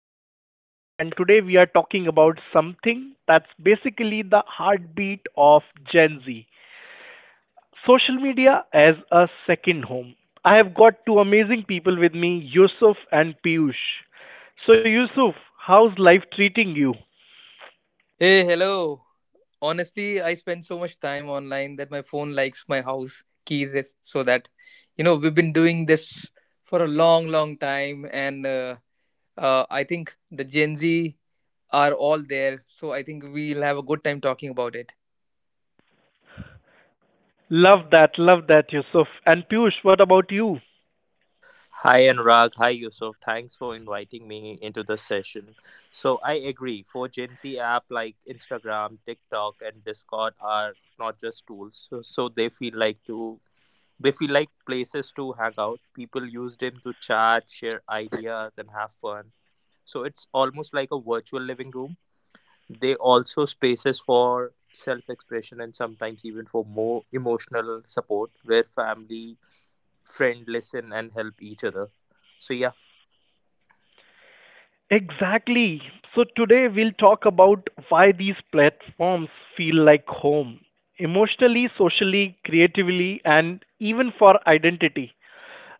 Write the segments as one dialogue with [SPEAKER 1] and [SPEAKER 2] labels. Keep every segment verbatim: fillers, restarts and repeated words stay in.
[SPEAKER 1] I am Anurag and today we are talking about something that's basically the heartbeat of Gen Z. Social media as a second home. I have got two amazing people with me, Yusuf and Piyush. So Yusuf, how's life treating you?
[SPEAKER 2] Hey, hello. Honestly, I spend so much time online that my phone likes my house keys is- so that you know we've been doing this for a long, long time, and uh, uh, I think the Gen Z are all there, so I think we'll have a good time talking about it.
[SPEAKER 1] Love that, love that Yusuf. And Piyush, what about you?
[SPEAKER 3] Hi Anurag, hi Yusuf. Thanks for inviting me into this session. So I agree. For Gen Z, app like Instagram, TikTok, and Discord are not just tools. So, so they feel like to they feel like places to hang out. People use them to chat, share ideas, and have fun. So it's almost like a virtual living room. They also spaces for self-expression and sometimes even for more emotional support where family friend listen and help each other, so yeah.
[SPEAKER 1] Exactly. So today we'll talk about why these platforms feel like home emotionally, socially, creatively, and even for identity.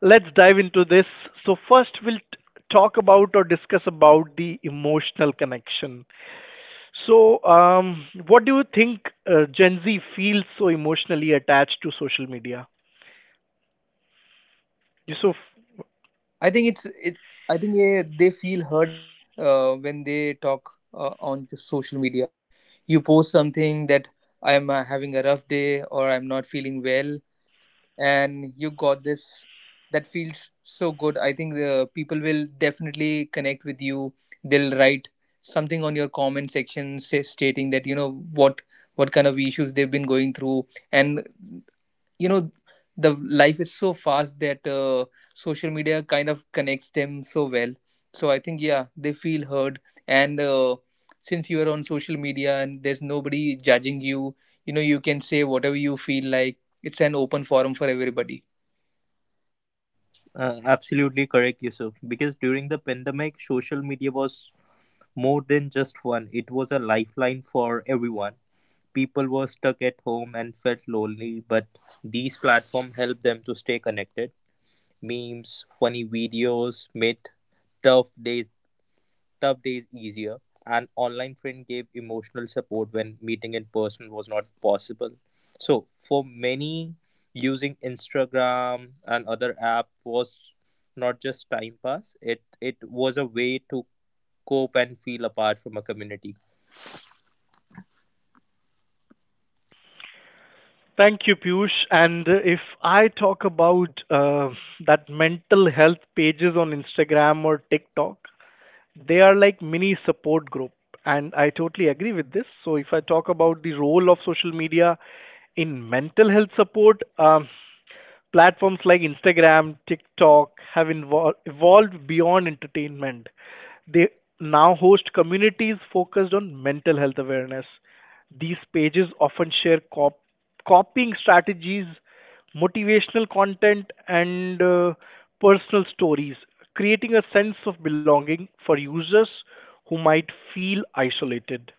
[SPEAKER 1] Let's dive into this. So, first, we'll t- talk about or discuss about the emotional connection. So, um, what do you think uh, Gen Z feels so emotionally attached to social media? Yusuf?
[SPEAKER 2] I think it's it. I think yeah, they feel heard uh, when they talk uh, on just social media. You post something that I'm uh, having a rough day or I'm not feeling well and you got this, that feels so good. I think the people will definitely connect with you. They'll write something on your comment section, say, stating that you know what what kind of issues they've been going through. And you know the life is so fast that uh, social media kind of connects them so well. So I think yeah, they feel heard. And uh, since you are on social media and there's nobody judging you, you know you can say whatever you feel like. It's an open forum for everybody.
[SPEAKER 3] uh, Absolutely correct, Yusuf, because during the pandemic, social media was more than just one. It was a lifeline for everyone. People were stuck at home and felt lonely, but these platforms helped them to stay connected. Memes, funny videos made tough days tough days easier, and online friend gave emotional support when meeting in person was not possible. So, for many, using Instagram and other app was not just time pass, it, it was a way to cope and feel apart from a community.
[SPEAKER 1] Thank you, Piyush. And uh, if I talk about uh, that mental health pages on Instagram or TikTok, they are like mini support group. And I totally agree with this. So if I talk about the role of social media in mental health support, um, platforms like Instagram, TikTok have invol- evolved beyond entertainment. They now host communities focused on mental health awareness. These pages often share cop- copying strategies, motivational content, and uh, personal stories, creating a sense of belonging for users who might feel isolated.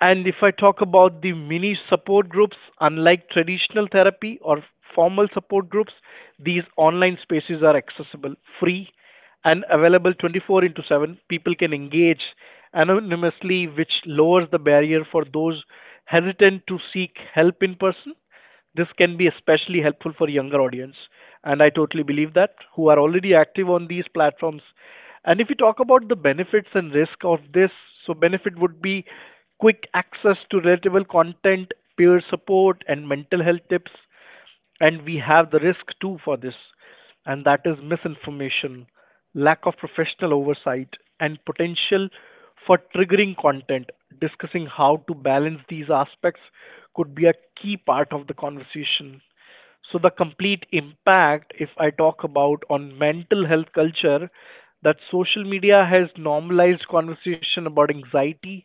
[SPEAKER 1] And if I talk about the mini support groups, unlike traditional therapy or formal support groups, these online spaces are accessible, free, and available twenty-four into seven. People can engage anonymously, which lowers the barrier for those hesitant to seek help in person. This can be especially helpful for younger audience, and I totally believe that who are already active on these platforms. And if you talk about the benefits and risk of this, so benefit would be quick access to relatable content, peer support, and mental health tips. And we have the risk too for this, and that is misinformation, lack of professional oversight, and potential for triggering content. Discussing how to balance these aspects could be a key part of the conversation. So the complete impact, if I talk about on mental health culture, that social media has normalized conversation about anxiety,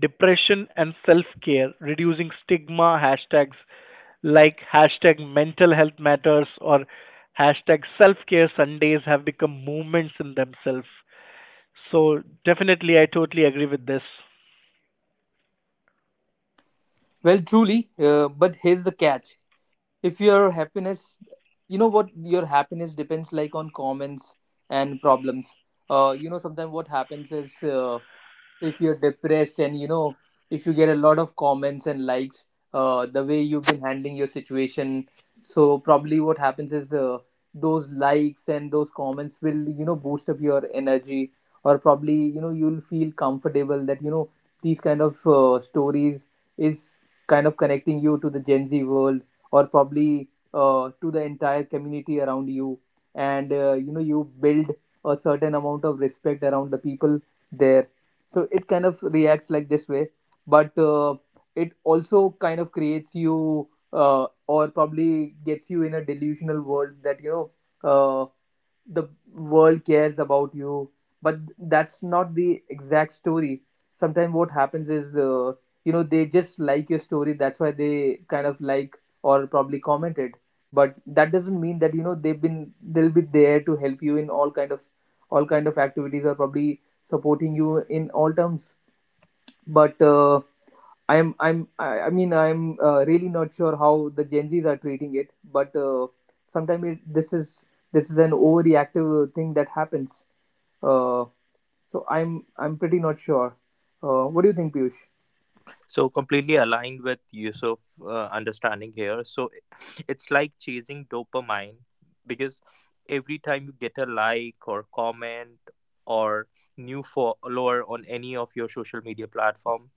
[SPEAKER 1] depression, and self-care, reducing stigma hashtags like hashtag mental health matters or hashtag self-care Sundays have become movements in themselves. So definitely, I totally agree with this.
[SPEAKER 2] Well, truly, uh, but here's the catch. If your happiness, you know what, your happiness depends like on comments and problems. Uh, you know, sometimes what happens is, uh, if you're depressed and you know, if you get a lot of comments and likes, uh, the way you've been handling your situation, so probably what happens is, uh, those likes and those comments will, you know, boost up your energy. Or probably, you know, you'll feel comfortable that you know these kind of uh, stories is kind of connecting you to the Gen Z world, or probably uh, to the entire community around you. And uh, you know, you build a certain amount of respect around the people there. So it kind of reacts like this way. But uh, it also kind of creates you, uh, or probably gets you in a delusional world that you know, uh, the world cares about you. But that's not the exact story. Sometimes what happens is, uh, you know, they just like your story, that's why they kind of like or probably comment it. But that doesn't mean that you know they've been they'll be there to help you in all kind of all kind of activities or probably supporting you in all terms. But uh, I'm I'm I, I mean I'm uh, really not sure how the Gen Zs are treating it, but uh, sometimes it, this is this is an overreactive thing that happens. Uh, so I'm I'm pretty not sure. Uh, what do you think, Piyush?
[SPEAKER 3] So completely aligned with Yusuf uh, understanding here. So it's like chasing dopamine because every time you get a like or comment or new follower on any of your social media platform.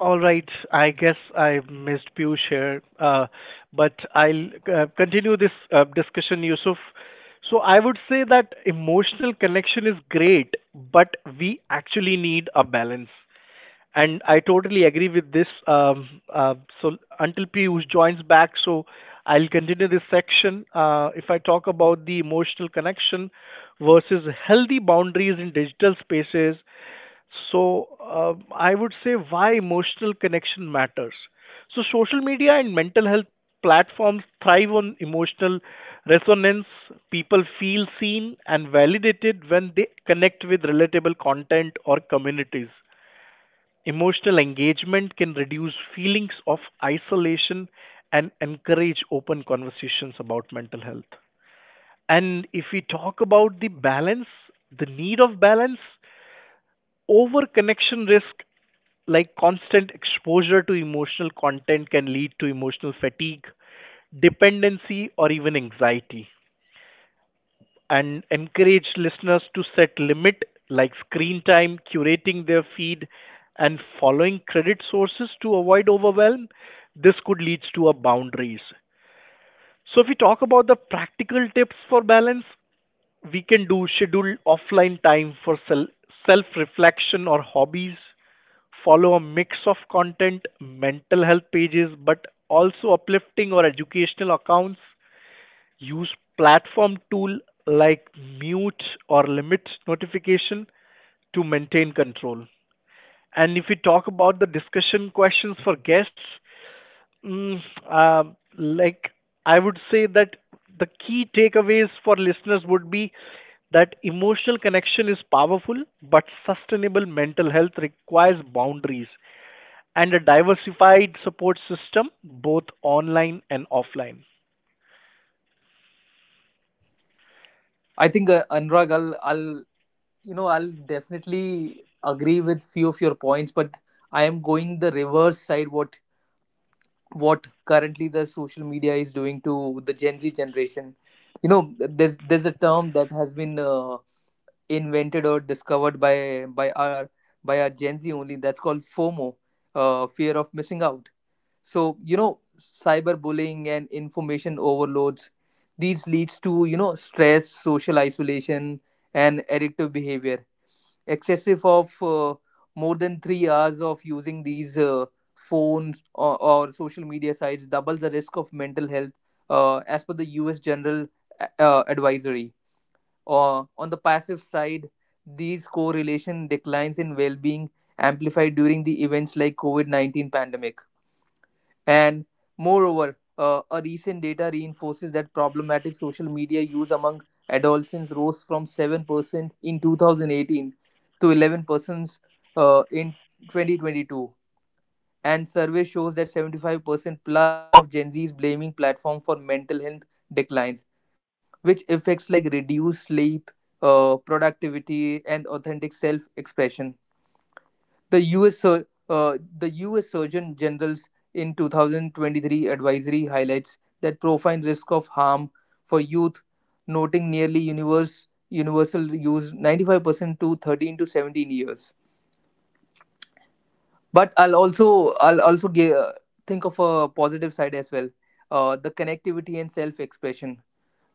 [SPEAKER 1] All right, I guess I missed Piyush here, uh, but I'll uh, continue this uh, discussion, Yusuf. So I would say that emotional connection is great, but we actually need a balance. And I totally agree with this. Um, uh, so until Piyush joins back, so I'll continue this section. Uh, if I talk about the emotional connection versus healthy boundaries in digital spaces, so uh, I would say why emotional connection matters. So social media and mental health platforms thrive on emotional resonance. People feel seen and validated when they connect with relatable content or communities. Emotional engagement can reduce feelings of isolation and encourage open conversations about mental health. And if we talk about the balance, the need of balance, over connection risk like constant exposure to emotional content can lead to emotional fatigue, dependency, or even anxiety. And encourage listeners to set limit like screen time, curating their feed, and following credit sources to avoid overwhelm. This could lead to a boundaries. So if we talk about the practical tips for balance, we can do schedule offline time for self self reflection or hobbies follow a mix of content, mental health pages, but also uplifting or educational accounts. Use platform tool like mute or limit notification to maintain control. And if we talk about the discussion questions for guests, mm, um, like I would say that the key takeaways for listeners would be that emotional connection is powerful, but sustainable mental health requires boundaries and a diversified support system, both online and offline.
[SPEAKER 2] I think uh, Anurag, I'll, I'll you know, I'll definitely agree with few of your points, but I am going the reverse side. What what currently the social media is doing to the Gen Z generation. You know, there's there's a term that has been uh, invented or discovered by by our by our Gen Z only. That's called FOMO, uh, fear of missing out. So you know, cyberbullying and information overloads. These leads to, you know, stress, social isolation, and addictive behavior. Excessive of uh, more than three hours of using these uh, phones or, or social media sites doubles the risk of mental health, uh, as per the U S. General uh, Advisory or on the passive side, these correlation declines in well-being amplified during the events like COVID nineteen pandemic. And moreover, uh, a recent data reinforces that problematic social media use among adolescents rose from seven percent in two thousand eighteen to eleven percent uh, in twenty twenty-two. And survey shows that seventy-five percent plus of Gen Zs blaming platform for mental health declines, which affects like reduced sleep, uh, productivity, and authentic self-expression. The U S sur- uh, the U S. Surgeon General's in two thousand twenty-three advisory highlights that profound risk of harm for youth, noting nearly universe, universal use ninety-five percent to thirteen to seventeen years. But I'll also I'll also give, uh, think of a positive side as well. Uh, the connectivity and self-expression,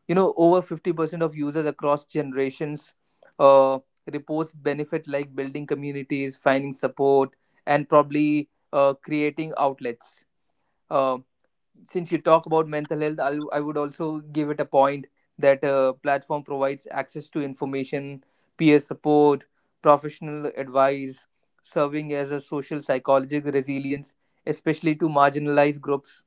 [SPEAKER 2] you know, over fifty percent of users across generations uh, reports benefit like building communities, finding support, and probably uh, creating outlets. uh, since you talk about mental health, I'll, I would also give it a point that uh, platform provides access to information, peer support, professional advice, serving as a social psychological resilience, especially to marginalized groups.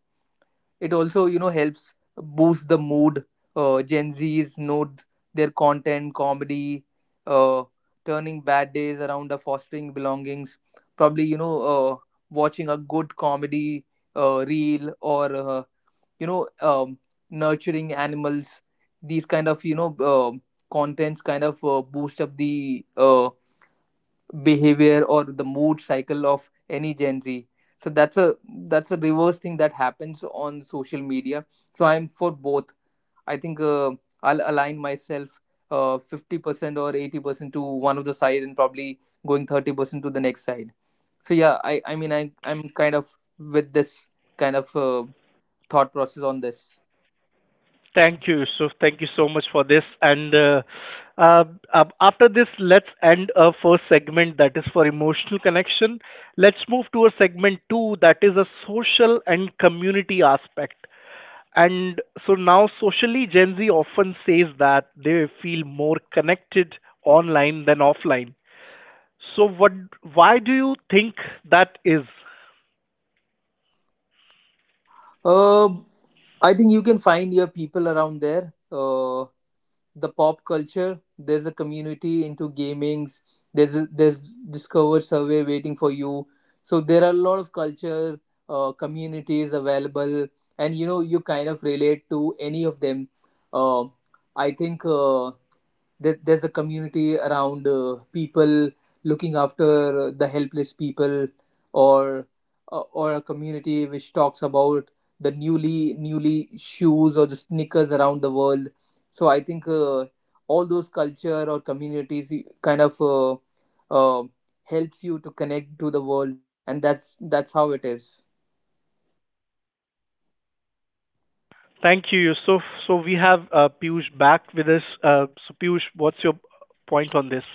[SPEAKER 2] It also, you know, helps boost the mood. Uh, gen Z's know their content comedy, uh, turning bad days around, the fostering belongings. Probably you know, uh, watching a good comedy uh, reel or uh, you know um, nurturing animals, these kind of, you know, um contents kind of uh, boost up the uh, behavior or the mood cycle of any Gen Z. So that's a, that's a reverse thing that happens on social media. So I'm for both. I think uh, I'll align myself uh, fifty percent or eighty percent to one of the side and probably going thirty percent to the next side. So yeah, i i mean i i'm kind of with this kind of uh, thought process on this.
[SPEAKER 1] Thank you, Yusuf. Thank you so much for this. And uh, uh, ab- after this, let's end our first segment that is for emotional connection. Let's move to a segment two that is a social and community aspect. And so now, socially, Gen Z often says that they feel more connected online than offline. So, what? Why do you think that is?
[SPEAKER 2] um I think you can find your people around there, uh, the pop culture. There's a community into gamings. There's a, there's Discover survey waiting for you. So there are a lot of culture uh, communities available, and you know you kind of relate to any of them. Uh, I think uh, there, there's a community around uh, people looking after the helpless people, or uh, or a community which talks about the newly newly shoes or the sneakers around the world. So I think uh, all those culture or communities y- kind of uh, uh, helps you to connect to the world. And that's that's how it is.
[SPEAKER 1] Thank you, Yusuf. So we have uh, Piyush back with us. Uh, so Piyush, what's your point on this?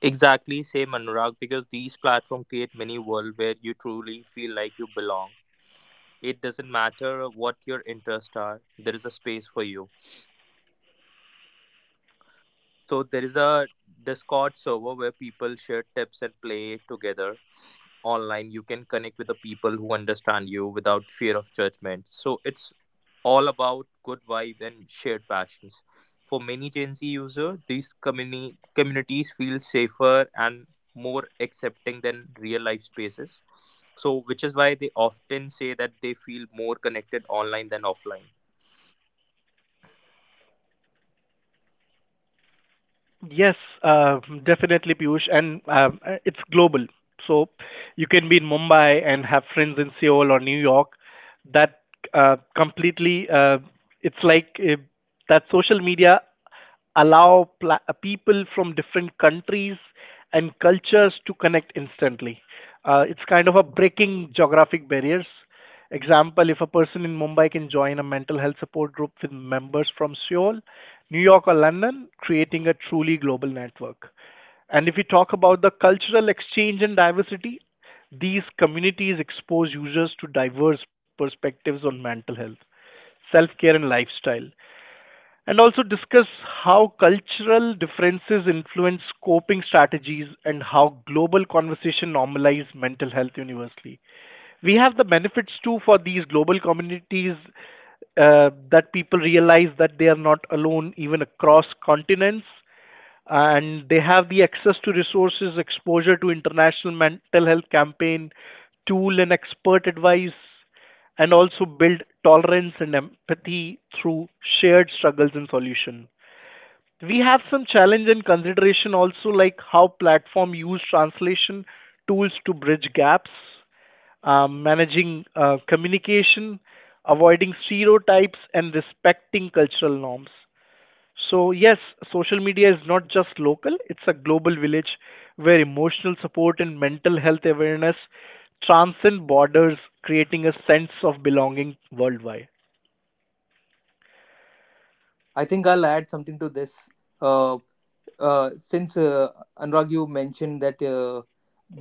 [SPEAKER 3] Exactly, same Anurag, because these platforms create mini world where you truly feel like you belong. It doesn't matter what your interests are, there is a space for you. So there is a Discord server where people share tips and play together. Online, you can connect with the people who understand you without fear of judgment. So it's all about good vibe and shared passions. For many Gen Z users, these communi- communities feel safer and more accepting than real life spaces, so which is why they often say that they feel more connected online than offline.
[SPEAKER 1] Yes, uh, definitely, Piyush, and um, uh, it's global. So you can be in Mumbai and have friends in Seoul or New York. That uh, completely, uh, it's like uh, that social media allow pla- uh, people from different countries and cultures to connect instantly. Uh, it's kind of a breaking geographic barriers. Example, if a person in Mumbai can join a mental health support group with members from Seoul, New York, or London, creating a truly global network. And if we talk about the cultural exchange and diversity, these communities expose users to diverse perspectives on mental health, self care, and lifestyle and also discuss how cultural differences influence coping strategies and how global conversation normalize mental health universally we have the benefits too for these global communities uh, that people realize that they are not alone even across continents and they have the access to resources exposure to international mental health campaign tool and expert advice and also build tolerance and empathy through shared struggles and solution we have some challenge and consideration also like how platform use translation tools to bridge gaps um, managing uh, communication, avoiding stereotypes, and respecting cultural norms. So, yes, social media is not just local, it's a global village where emotional support and mental health awareness transcend borders, creating a sense of belonging worldwide.
[SPEAKER 2] I think I'll add something to this. uh, uh, since uh, Anurag, you mentioned that uh,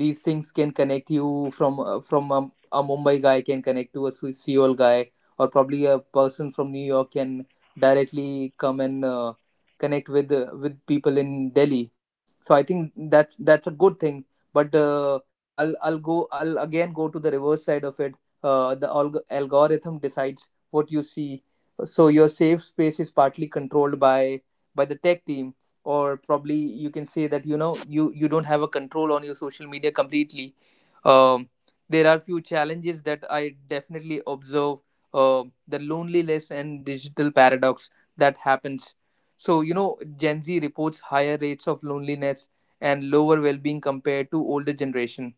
[SPEAKER 2] these things can connect you from uh, from a, a Mumbai guy can connect to a Se- Seoul guy, or probably a person from New York can directly come and uh, connect with uh, with people in Delhi. So I think that's that's a good thing. But uh, I'll I'll go I'll again go to the reverse side of it. Uh, the alg- algorithm decides what you see. So your safe space is partly controlled by by the tech team, or probably you can say that you know you you don't have a control on your social media completely. um, there are few challenges that I definitely observe. Uh, the loneliness and digital paradox that happens. So you know, Gen Z reports higher rates of loneliness and lower well-being compared to older generation.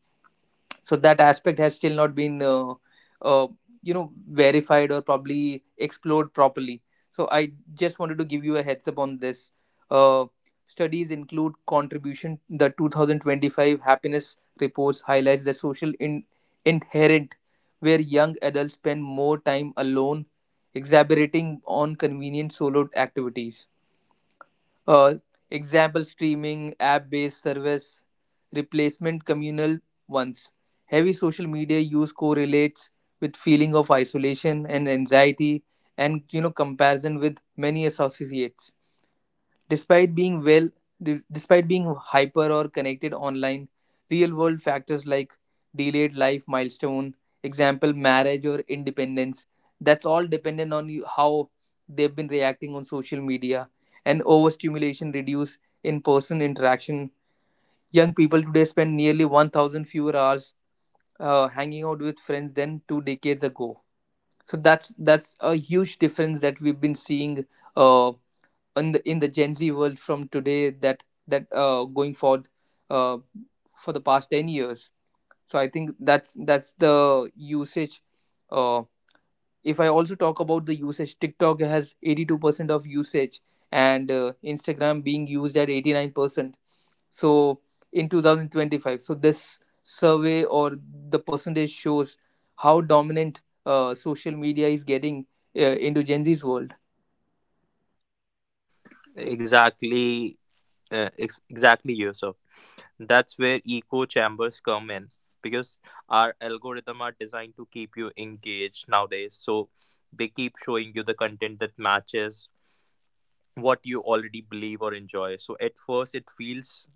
[SPEAKER 2] So that aspect has still not been, uh, uh, you know, verified or probably explored properly. So I just wanted to give you a heads up on this. Uh, studies include contribution. The two thousand twenty-five happiness reports highlights the social in- inherent, where young adults spend more time alone, exacerbating on convenient solo activities, uh, example streaming, app based service, replacement communal ones. Heavy social media use correlates with feeling of isolation and anxiety, and you know comparison with many associates. Despite being well, Despite being hyper or connected online, real world factors like delayed life milestone, example marriage or independence, that's all dependent on you, how they've been reacting on social media, and overstimulation reduce in-person interaction. Young people today spend nearly one thousand fewer hours uh, hanging out with friends than two decades ago. So that's that's a huge difference that we've been seeing uh, in the in the Gen Z world from today that that uh, going forward uh, for the past ten years. So I think that's that's the usage. Uh, if I also talk about the usage, TikTok has eighty two percent of usage, and uh, Instagram being used at eighty nine percent. So in two thousand twenty five, so this survey or the percentage shows how dominant uh, social media is getting uh, into Gen Z's world.
[SPEAKER 3] Exactly, uh, ex- exactly, Yusuf. That's where echo chambers come in because our algorithm are designed to keep you engaged nowadays. So they keep showing you the content that matches what you already believe or enjoy. So at first it feels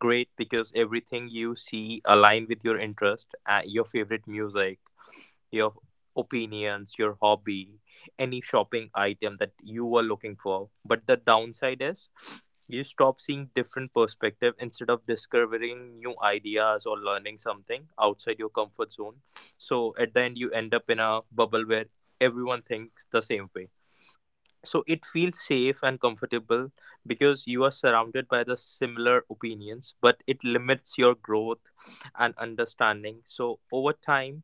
[SPEAKER 3] great because everything you see align with your interest, uh, your favorite music, your opinions, your hobby, any shopping item that you were looking for. But the downside is you stop seeing different perspective instead of discovering new ideas or learning something outside your comfort zone. So at the end you end up in a bubble where everyone thinks the same way. So it feels safe and comfortable because you are surrounded by the similar opinions, but it limits your growth and understanding. So over time,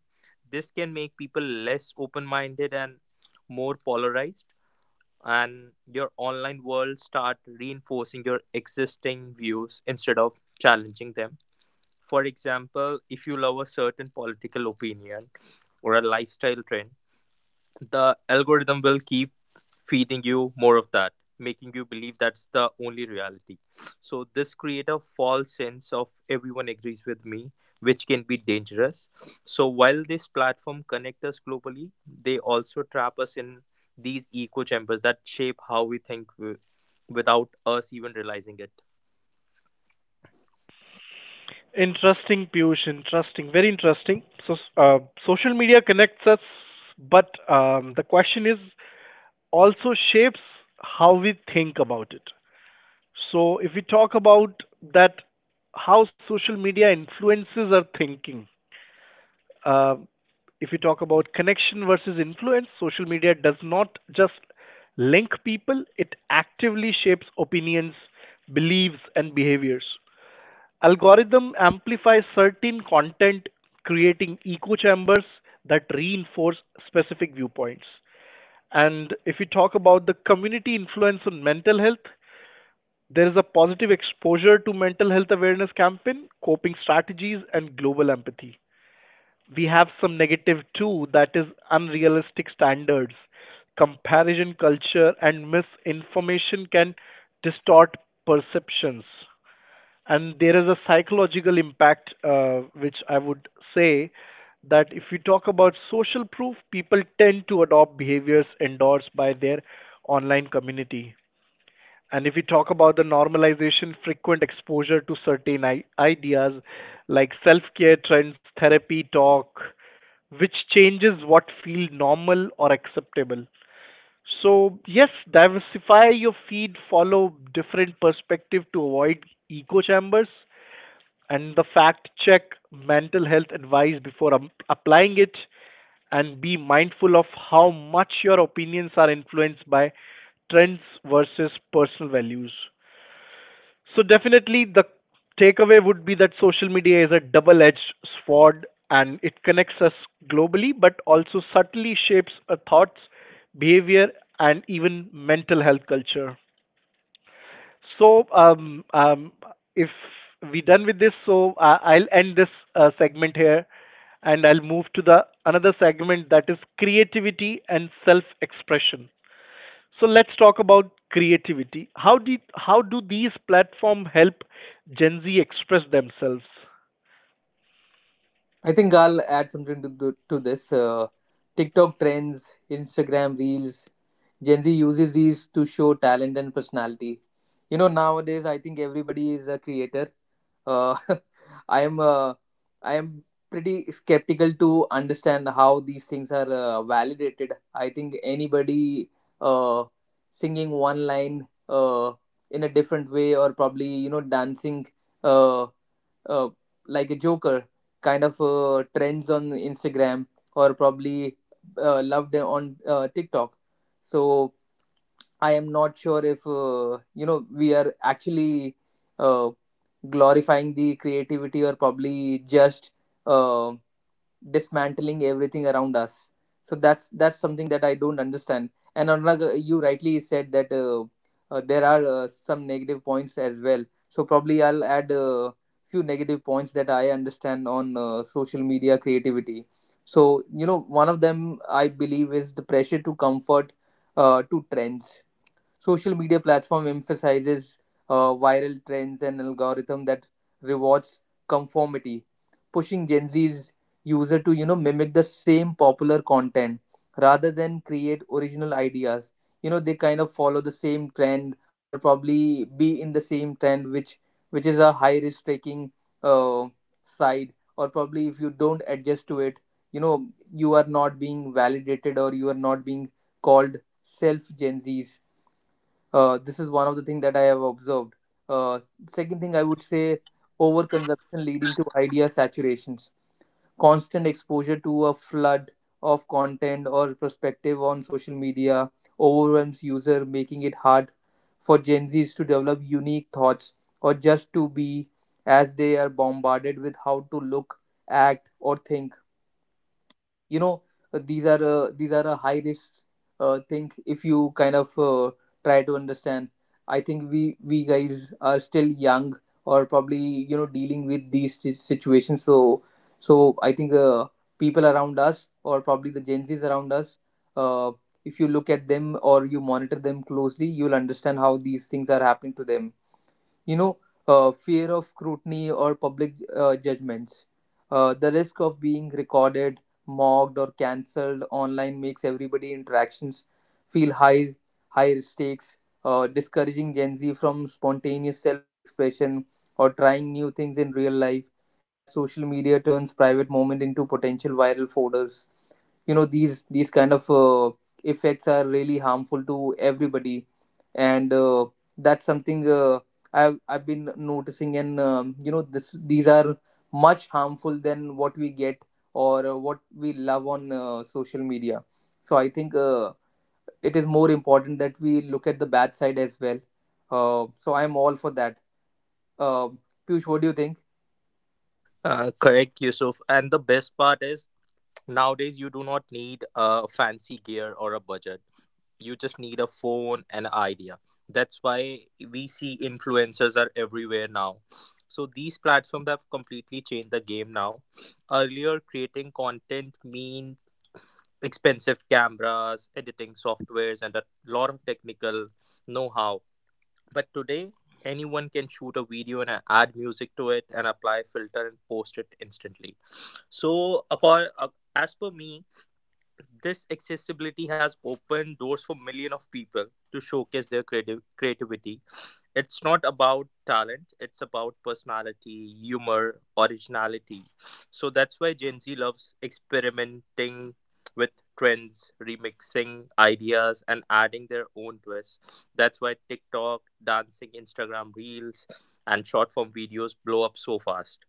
[SPEAKER 3] this can make people less open minded and more polarized, and your online world start reinforcing your existing views instead of challenging them. For example, if you love a certain political opinion or a lifestyle trend, the algorithm will keep feeding you more of that, making you believe that's the only reality. So this create a false sense of everyone agrees with me, which can be dangerous. So while this platform connect us globally, they also trap us in these echo chambers that shape how we think wi- without us even realizing it.
[SPEAKER 1] Interesting, Piyush. Interesting. Very interesting. So, uh, social media connects us, but um, the question is also shapes how we think about it. So if we talk about that, how social media influences our thinking. Uh, if we talk about connection versus influence, social media does not just link people, it actively shapes opinions, beliefs, and behaviors. Algorithm amplify certain content, creating echo chambers that reinforce specific viewpoints. And if we talk about the community influence on mental health, there is a positive exposure to mental health awareness campaign, coping strategies, and global empathy. We have some negative too, that is unrealistic standards. Comparison culture and misinformation can distort perceptions. And there is a psychological impact, uh, which I would say that if we talk about social proof, people tend to adopt behaviors endorsed by their online community and if we talk about the normalization, frequent exposure to certain I- ideas like self care trends, therapy talk, which changes what feel normal or acceptable. So, yes, diversify your feed, follow different perspective to avoid echo chambers, and the fact check mental health advice before um, applying it, and be mindful of how much your opinions are influenced by trends versus personal values. So definitely the takeaway would be that social media is a double-edged sword and it connects us globally but also subtly shapes our thoughts, behavior and even mental health culture. So um, um, if we are done with this, so uh, I'll end this uh, segment here and I'll move to the another segment that is creativity and self-expression. So let's talk about creativity. How do how do these platforms help Gen Z express themselves?
[SPEAKER 2] I think I'll add something to, the to this. Uh, TikTok trends, Instagram reels. Gen Z uses these to show talent and personality. You know, nowadays I think everybody is a creator. Uh, I am uh, I am pretty skeptical to understand how these things are uh, validated. I think anybody uh, singing one line uh, in a different way or probably you know dancing. Uh, uh, like a joker kind of uh, trends on instagram or probably uh, loved on uh, tiktok. So I am not sure if uh, you know we are actually uh, glorifying the creativity or probably just um dismantling everything around us. So that's that's something that I don't understand. And another, you rightly said that uh, uh, there are uh, some negative points as well. So probably I'll add a few negative points that I understand on uh, social media creativity. So you know, one of them I believe is the pressure to comfort, uh, to trends. Social media platform emphasizes uh, viral trends and algorithm that rewards conformity, pushing Gen Z's user to, you know, mimic the same popular content rather than create original ideas. You know, they kind of follow the same trend or probably be in the same trend, which which is a high risk taking uh, side, or probably if you don't adjust to it, you know, you are not being validated or you are not being called self Gen Zs. Uh, this is one of the things that I have observed. Uh, Second thing I would say, overconsumption leading to idea saturations. Constant exposure to a flood of content or perspective on social media overwhelms user, making it hard for Gen Zs to develop unique thoughts or just to be, as they are bombarded with how to look, act, or think. You know, uh, these are uh, these are a high risk uh, thing if you kind of uh, try to understand. I think we we guys are still young or probably, you know, dealing with these si- situations. So so I think uh, people around us or probably the gen z's around us, uh, if you look at them or you monitor them closely, you'll understand how these things are happening to them. You know, uh, fear of scrutiny or public uh, judgments. Uh, the risk of being recorded, mocked, or cancelled online makes everybody interactions feel high, high stakes, uh, discouraging Gen Z from spontaneous self-expression or trying new things in real life. As social media turns private moment into potential viral folders, you know, these these kind of uh, effects are really harmful to everybody, and uh, that's something uh, I've I've been noticing. And um, you know, this these are much harmful than what we get or uh, what we love on uh, social media. So I think uh, it is more important that we look at the bad side as well. Uh, so I'm all for that. Uh, Piyush, what do you think?
[SPEAKER 3] Uh, correct, Yusuf, and the best part is nowadays, you do not need a fancy gear or a budget. You just need a phone and an idea. That's why we see influencers are everywhere now. So these platforms have completely changed the game now. Earlier, creating content mean expensive cameras, editing softwares, and a lot of technical know-how. But today, anyone can shoot a video and add music to it and apply filter and post it instantly. so according, as per me, this accessibility has opened doors for millions of people to showcase their creative creativity. It's not about talent, it's about personality, humor, originality. So that's why Gen Z loves experimenting with trends, remixing ideas, and adding their own twists. That's why TikTok, dancing, Instagram reels, and short form videos blow up so fast.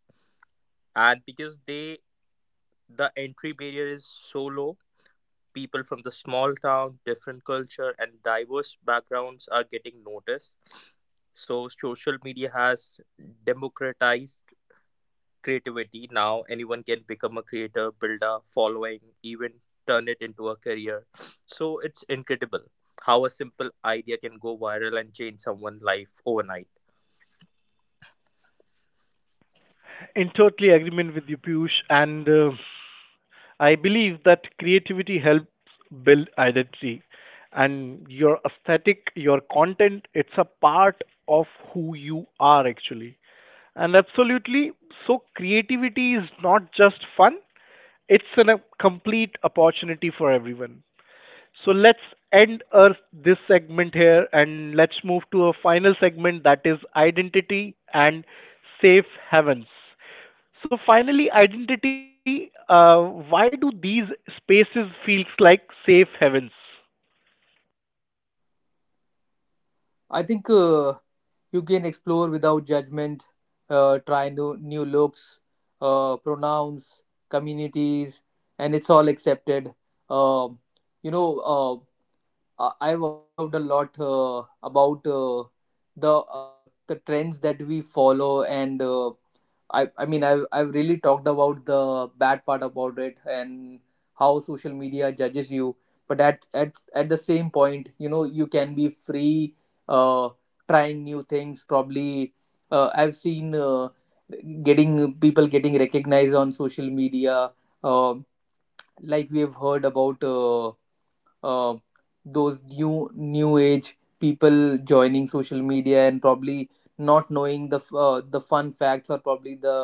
[SPEAKER 3] And because they the entry barrier is so low, people from the small town, different culture, and diverse backgrounds are getting noticed. So, social media has democratized creativity. Now, anyone can become a creator, build a following, even turn it into a career. So, it's incredible how a simple idea can go viral and change someone's life overnight.
[SPEAKER 1] In totally agreement with you, Piyush, and uh, I believe that creativity helps build identity and your aesthetic, your content, it's a part of who you are actually. And absolutely, so creativity is not just fun, it's a complete opportunity for everyone. So let's end our, this segment here and let's move to a final segment that is identity and safe havens. So finally, identity. Uh, why do these spaces feels like safe havens?
[SPEAKER 2] I think uh, you can explore without judgment, uh, try new new looks, uh, pronouns, communities, and it's all accepted. Um you know. Uh, uh, I've observed a lot uh, about uh, the uh, the trends that we follow, and uh, I I mean I've I've really talked about the bad part about it and how social media judges you. But at at at the same point, you know, you can be free, uh, trying new things. Probably, uh, I've seen uh, getting people getting recognized on social media. um like we have heard about. Uh, uh, those new new age people joining social media and probably not knowing the f- uh, the fun facts or probably the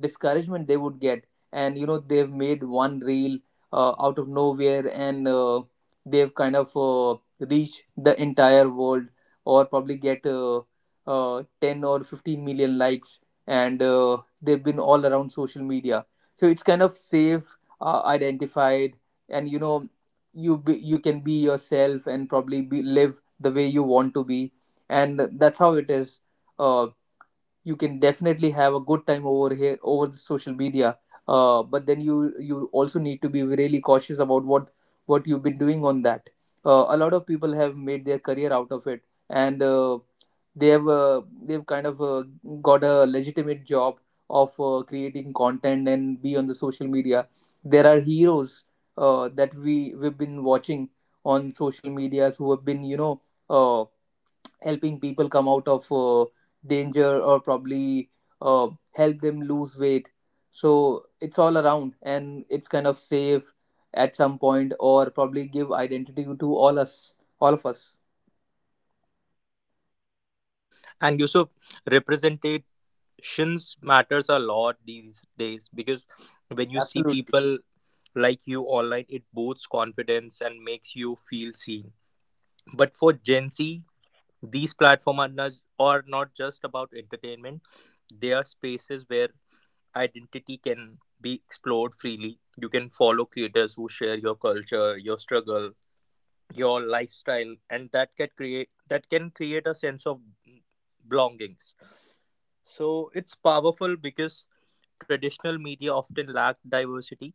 [SPEAKER 2] discouragement they would get. And you know, they've made one reel uh, out of nowhere, and uh, they've kind of uh, reached the entire world, or probably get uh, uh, ten or fifteen million likes, and uh, they've been all around social media. So it's kind of safe, uh, identified, and you know, you be, you can be yourself and probably be, live the way you want to be, and that's how it is. uh, you can definitely have a good time over here over the social media. Uh, but then you you also need to be really cautious about what what you've been doing on that. Uh, a lot of people have made their career out of it, and uh, they've uh, they've kind of uh, got a legitimate job of uh, creating content and be on the social media. There are heroes uh, that we we've been watching on social medias who have been, you know, uh, helping people come out of uh, danger, or probably uh, help them lose weight. So it's all around, and it's kind of safe at some point, or probably give identity to all us, all of us.
[SPEAKER 3] And Yusuf, represented actions matters a lot these days because when you see
[SPEAKER 2] Absolutely.
[SPEAKER 3] people like you online, it boosts confidence and makes you feel seen. But for Gen Z, these platforms are not, are not just about entertainment. They are spaces where identity can be explored freely. You can follow creators who share your culture, your struggle, your lifestyle, and that can create that can create a sense of belongings. So it's powerful because traditional media often lacked diversity,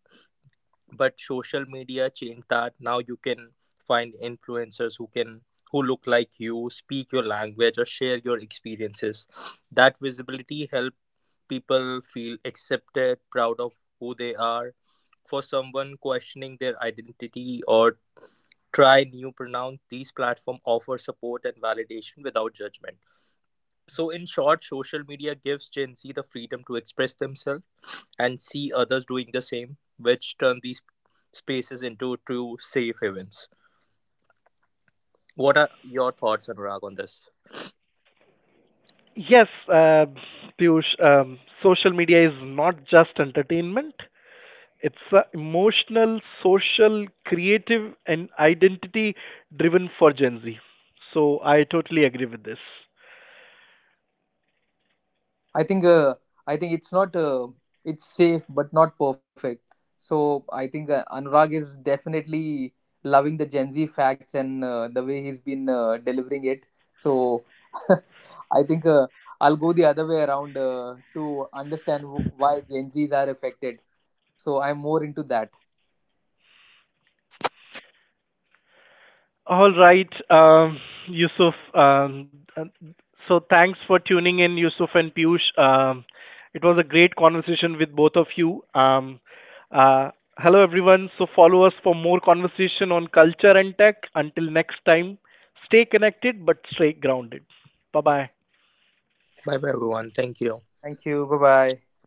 [SPEAKER 3] but social media changed that. Now you can find influencers who can who look like you, speak your language, or share your experiences. That visibility help people feel accepted, proud of who they are. For someone questioning their identity or try new pronoun, these platforms offer support and validation without judgment. So in short, social media gives Gen Z the freedom to express themselves and see others doing the same, which turn these spaces into true safe havens. What are your thoughts, Anurag, on this?
[SPEAKER 1] Yes, uh, Piyush, um, social media is not just entertainment. It's a emotional, social, creative, and identity-driven for Gen Z. So I totally agree with this.
[SPEAKER 2] I think uh, I think it's not uh, it's safe but not perfect. So I think uh, Anurag is definitely loving the Gen Z facts and uh, the way he's been uh, delivering it. So I think uh, I'll go the other way around uh, to understand wh- why Gen Zs are affected. So I'm more into that.
[SPEAKER 1] All right, um, Yusuf. Um, uh, so thanks for tuning in, Yusuf and Piyush. Um, it was a great conversation with both of you. Um, uh, hello, everyone. So follow us for more conversation on culture and tech. Until next time, stay connected but stay grounded. Bye bye.
[SPEAKER 3] Bye bye everyone, thank you.
[SPEAKER 2] Thank you. Bye bye.